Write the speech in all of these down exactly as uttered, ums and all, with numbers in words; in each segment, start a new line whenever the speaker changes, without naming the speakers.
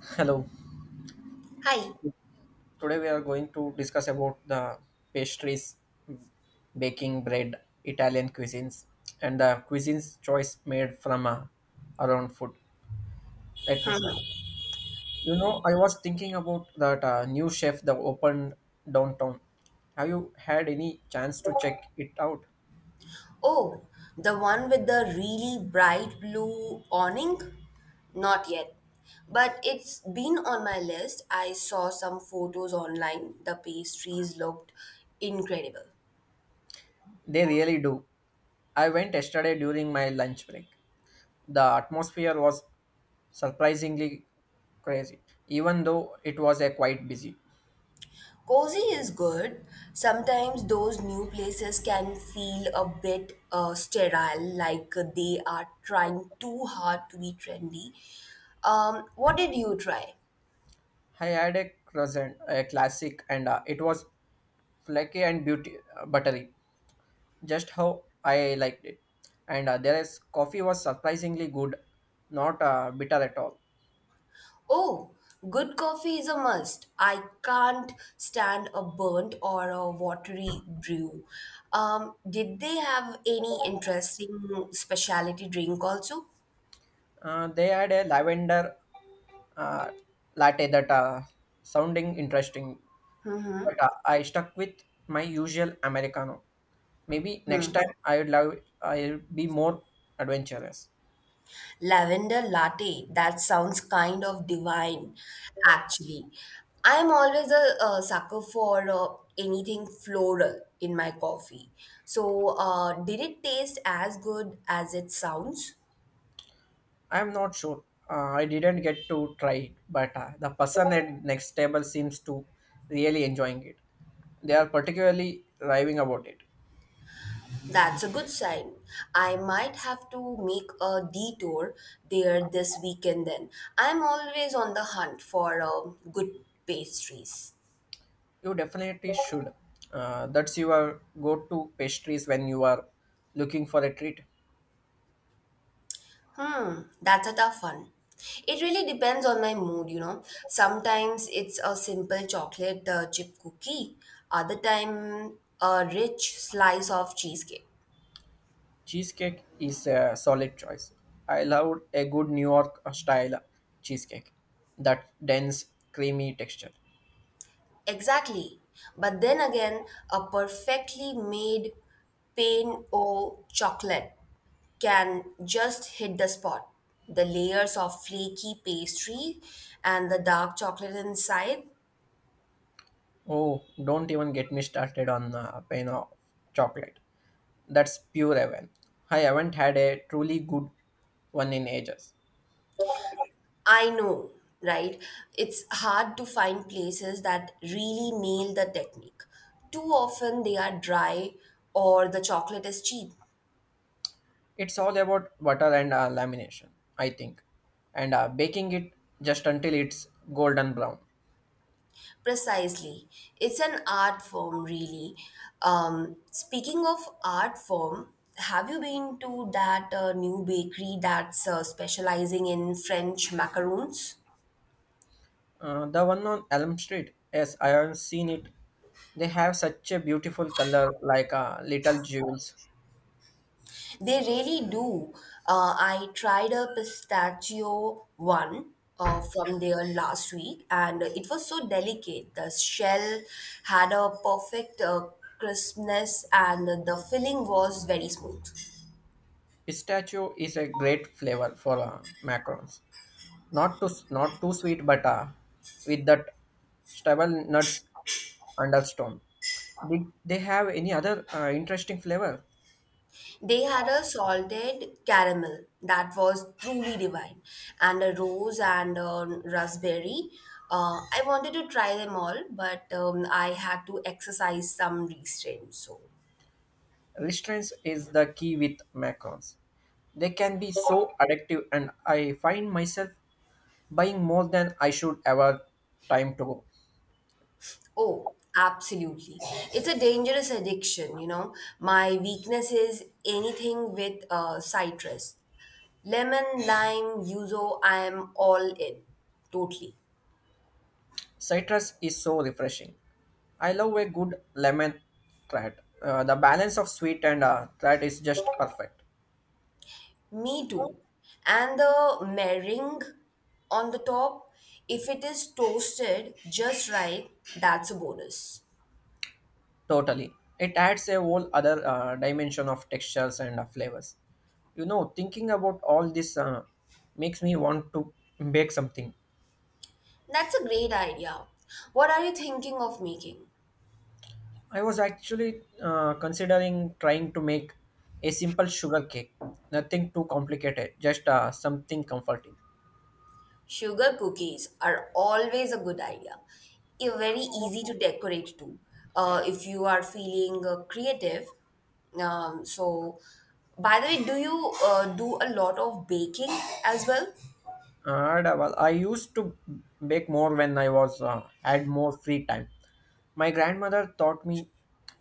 Hello.
Hi.
Today we are going to discuss about the pastries, baking bread, Italian cuisines, and the cuisines choice made from uh, around food. Let me start. You know, I was thinking about that uh, new chef that opened downtown. Have you had any chance to check it out?
Oh, the one with the really bright blue awning? Not yet. But it's been on my list. I saw some photos online. The pastries looked incredible.
They really do. I went yesterday during my lunch break. The atmosphere was surprisingly crazy, even though it was a quite busy.
Cozy is good. Sometimes those new places can feel a bit uh, sterile, like they are trying too hard to be trendy. Um, what did you try?
I had a croissant, a classic, and uh, it was flaky and beauty uh, buttery, just how I liked it. And uh, their coffee was surprisingly good, not uh, bitter at all.
Oh, good coffee is a must. I can't stand a burnt or a watery brew. Um, did they have any interesting specialty drink also?
Uh, they had a lavender uh, latte that uh, sounding interesting,
Mm-hmm.
but uh, I stuck with my usual americano. Maybe next time I would love I'll be more adventurous.
Lavender latte. That sounds kind of divine, actually. I'm always a, uh sucker for uh, anything floral in my coffee. So, uh, did it taste as good as it sounds?
I'm not sure. Uh, I didn't get to try it, but uh, the person at next table seems to really enjoying it. They are particularly raving about it.
That's a good sign. I might have to make a detour there this weekend then. I'm always on the hunt for uh, good pastries.
You definitely should. Uh, that's your go-to pastries when you are looking for a treat.
Hmm, that's a tough one. It really depends on my mood, you know. Sometimes it's a simple chocolate uh, chip cookie, other time a rich slice of cheesecake.
Cheesecake is a solid choice. I loved a good New York style cheesecake. That dense, creamy texture.
Exactly. But then again, a perfectly made pain au chocolate can just hit the spot. The layers of flaky pastry and the dark chocolate inside.
Oh, don't even get me started on uh, pain of chocolate. That's pure heaven. I haven't had a truly good one in ages.
I know, right? It's hard to find places that really nail the technique. Too often they are dry or the chocolate is cheap.
It's all about butter and uh, lamination, I think, and uh, baking it just until it's golden brown.
Precisely. It's an art form, really. Um, speaking of art form, have you been to that uh, new bakery that's uh, specializing in French macaroons?
Uh, the one on Elm Street, yes, I have seen it. They have such a beautiful color, like uh, little jewels.
They really do. Uh, I tried a pistachio one uh, from there last week, and it was so delicate. The shell had a perfect uh, crispness, and the filling was very smooth.
Pistachio is a great flavor for uh, macarons. Not too not too sweet, but uh, with that stable nuts undertone. Did they have any other uh, interesting flavor?
They had a salted caramel that was truly divine, and a rose and a raspberry. Uh, I wanted to try them all, but um, I had to exercise some restraint. So.
Restraints is the key with macrons. They can be so addictive, and I find myself buying more than I should ever time to go.
Oh, absolutely. It's a dangerous addiction, you know. My weakness is anything with uh, citrus. Lemon, lime, yuzu, I am all in. Totally.
Citrus is so refreshing. I love a good lemon tart. Uh, the balance of sweet and uh, tart is just perfect.
Me too. And the meringue on the top, if it is toasted just right, that's a bonus.
Totally. It adds a whole other uh, dimension of textures and uh, flavors. You know, thinking about all this uh, makes me want to bake something.
That's a great idea. What are you thinking of making?
I was actually uh, considering trying to make a simple sugar cake, nothing too complicated, just uh, something comforting.
Sugar cookies are always a good idea. You're very easy to decorate too. Uh, if you are feeling uh, creative, um, so by the way, do you uh, do a lot of baking as well?
And uh, well, I used to bake more when I was uh, had more free time. My grandmother taught me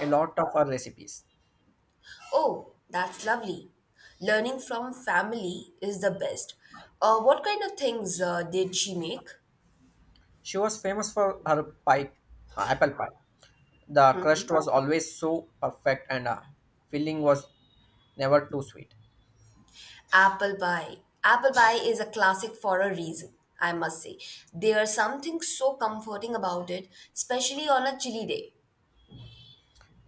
a lot of her recipes.
Oh, that's lovely. Learning from family is the best. Uh, what kind of things uh, did she make?
She was famous for her pie, uh, apple pie. The crust was always so perfect, and uh, filling was never too sweet.
Apple pie. Apple pie is a classic for a reason, I must say. There's something so comforting about it, especially on a chilly day.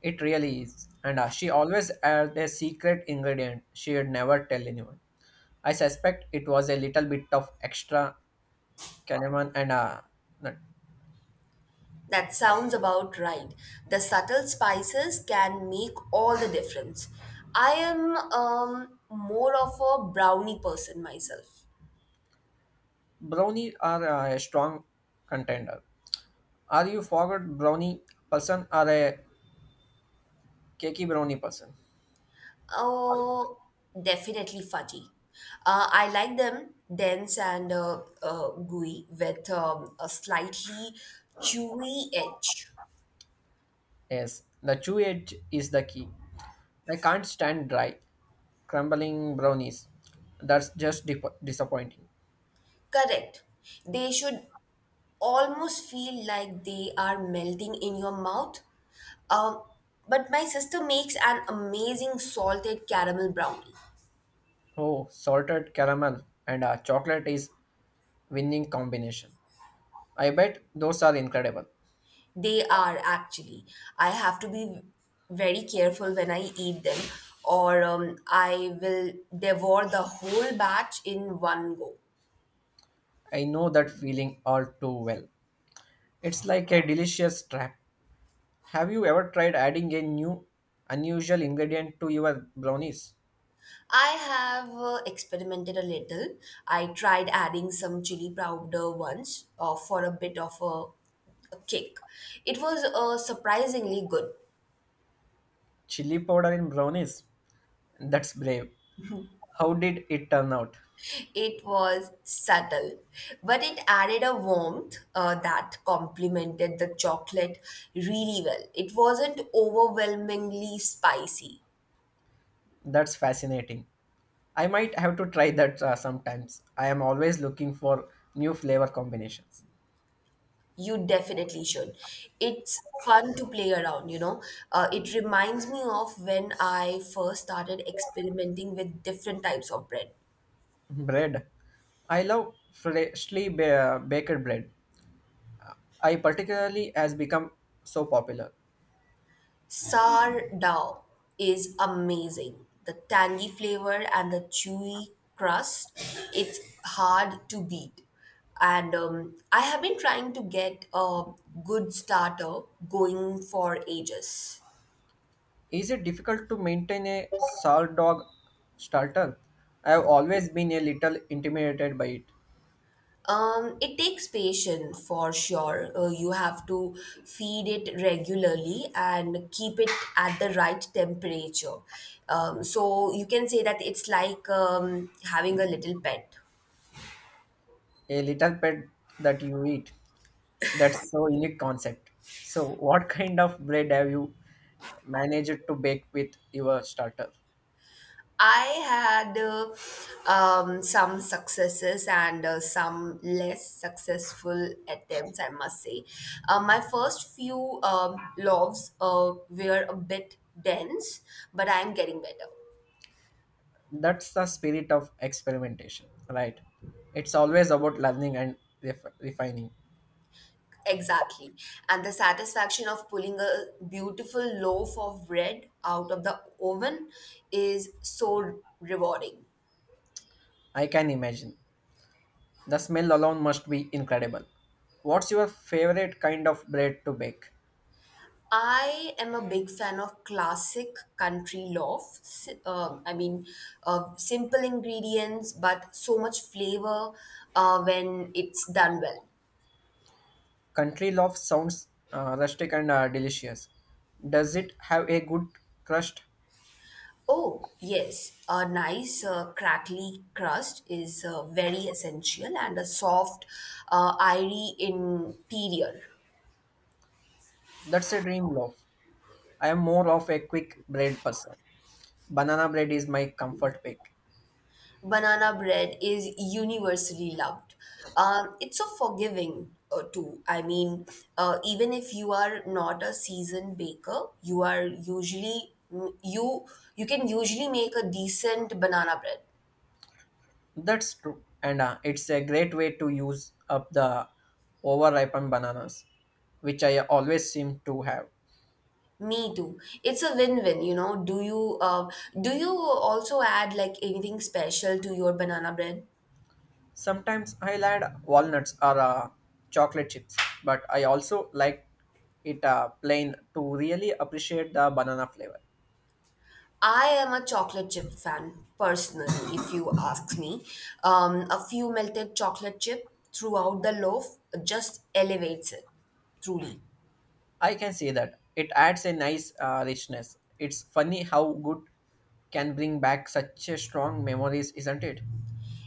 It really is. And uh, she always had a secret ingredient she would never tell anyone. I suspect it was a little bit of extra cinnamon and uh, nut.
That sounds about right. The subtle spices can make all the difference. I am um, more of a brownie person myself.
Brownie are uh, a strong contender. Are you forgot brownie person or a cakey brownie person?
Oh, definitely fudgy. Uh, I like them dense and uh, uh, gooey with um, a slightly chewy edge.
Yes, the chew edge is the key. I can't stand dry, crumbling brownies. That's just dip- disappointing.
Correct. They should almost feel like they are melting in your mouth. Um, but my sister makes an amazing salted caramel brownie.
Oh, salted caramel and uh, chocolate is winning combination. I bet those are incredible.
They are actually. I have to be very careful when I eat them, or um, I will devour the whole batch in one go.
I know that feeling all too well. It's like a delicious trap. Have you ever tried adding a new unusual ingredient to your brownies?
I have uh, experimented a little. I tried adding some chili powder once uh, for a bit of a, a kick. It was uh, surprisingly good,
Chili powder in brownies? That's brave. How did it turn out?
It was subtle, but it added a warmth uh, that complemented the chocolate really well. It wasn't overwhelmingly spicy.
That's fascinating. I might have to try that uh, sometimes. I am always looking for new flavor combinations.
You definitely should. It's fun to play around, you know. Uh, it reminds me of when I first started experimenting with different types of bread.
Bread. I love freshly ba- baked bread. I particularly has become so popular.
Sourdough is amazing. The tangy flavor and the chewy crust, it's hard to beat. And um, I have been trying to get a good starter going for ages.
Is it difficult to maintain a salt dog starter? I have always been a little intimidated by it.
Um, it takes patience for sure. Uh, you have to feed it regularly and keep it at the right temperature. Um, so you can say that it's like um, having a little pet.
A little pet that you eat. That's so unique concept. So, what kind of bread have you managed to bake with your starter?
I had uh, um, some successes and uh, some less successful attempts, I must say. Uh, my first few um, loves uh, were a bit dense, but I'm getting better.
That's the spirit of experimentation, right? It's always about learning and ref- refining.
Exactly. And the satisfaction of pulling a beautiful loaf of bread out of the oven is so rewarding.
I can imagine the smell alone must be incredible. What's your favorite kind of bread to bake?
I am a big fan of classic country loaf. Si- Um, I mean, uh, simple ingredients, but so much flavor uh, when it's done well.
Country loaf sounds uh, rustic and uh, delicious. Does it have a good crust?
Oh, yes, a nice uh, crackly crust is uh, very essential and a soft, uh, airy interior.
That's a dream loaf. I am more of a quick bread person. Banana bread is my comfort pick.
Banana bread is universally loved. Um, it's so forgiving uh, too. I mean, uh, even if you are not a seasoned baker, you are usually mm, you you can usually make a decent banana bread.
That's true, and uh, it's a great way to use up the overripened bananas, which I always seem to have.
Me too. It's a win-win, you know. Do you uh, do you also add like anything special to your banana bread?
Sometimes I'll add walnuts or uh, chocolate chips, but I also like it uh, plain to really appreciate the banana flavor.
I am a chocolate chip fan personally, if you ask me. Um, a few melted chocolate chip throughout the loaf just elevates it, truly.
I can see that it adds a nice uh, richness. It's funny how good can bring back such a strong memories, isn't it?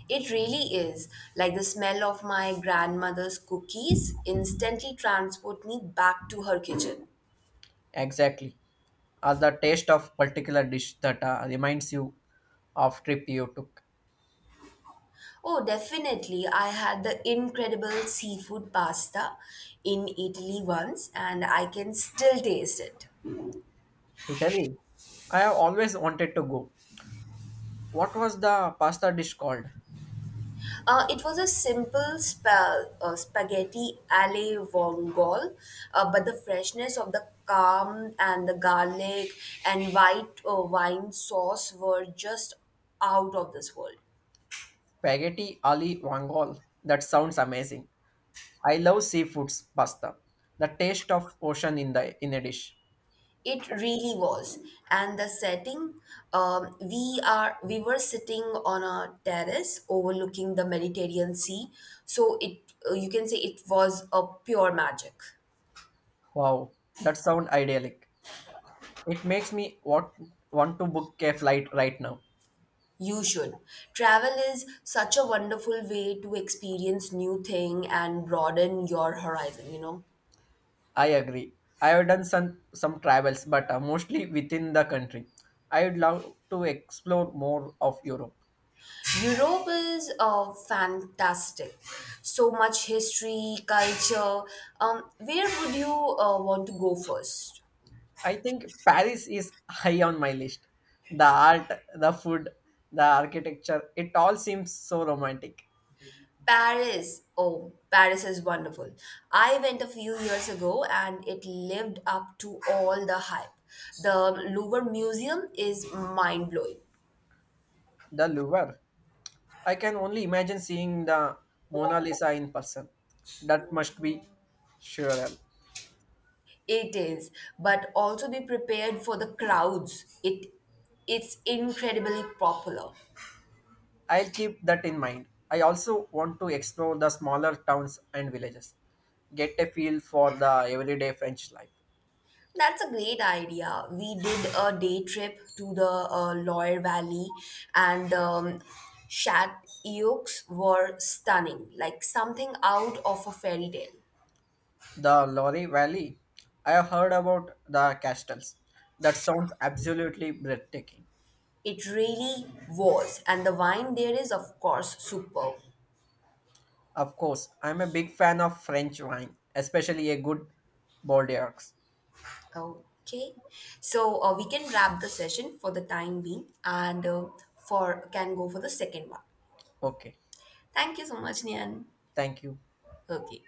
It really is like the smell of my grandmother's cookies instantly transport me back to her kitchen.
Exactly. Or the taste of particular dish that uh, reminds you of trip you took.
Oh, definitely. I had the incredible seafood pasta in Italy once and I can still taste it.
Italy. I have always wanted to go. What was the pasta dish called?
Uh, it was a simple spa- uh, spaghetti alle vongole, uh, but the freshness of the calm and the garlic and white uh, wine sauce were just out of this world.
Spaghetti ali vongole. That sounds amazing. I love seafoods pasta. The taste of ocean in the in a dish.
It really was. And the setting, um, we are we were sitting on a terrace overlooking the Mediterranean Sea, so it uh, you can say it was a pure magic.
Wow, that sounds idyllic. It makes me want want to book a flight right now.
You should. Travel is such a wonderful way to experience new thing and broaden your horizon, you know.
I agree. I have done some some travels, but uh, mostly within the country. I would love to explore more of Europe.
Europe is uh, fantastic. So much history, culture. Um, where would you uh, want to go first?
I think Paris is high on my list. The art, the food, the architecture, it all seems so romantic.
Paris. Oh, Paris is wonderful. I went a few years ago and it lived up to all the hype. The Louvre Museum is mind blowing.
The Louvre. I can only imagine seeing the Mona Lisa in person. That must be surreal.
It is, but also be prepared for the crowds. It it's incredibly popular.
I'll keep that in mind. I also want to explore the smaller towns and villages, get a feel for the everyday French life.
That's a great idea. We did a day trip to the uh, Loire Valley, and um, Shat Eoks were stunning, like something out of a fairy tale.
The Loire Valley, I have heard about the castles. That sounds absolutely breathtaking.
It really was, and the wine there is, of course, superb.
Of course, I'm a big fan of French wine, especially a good Bordeaux.
Okay, so uh, we can wrap the session for the time being, and uh, for can go for the second one.
Okay,
Thank you so much, Nian.
thank you.
Okay.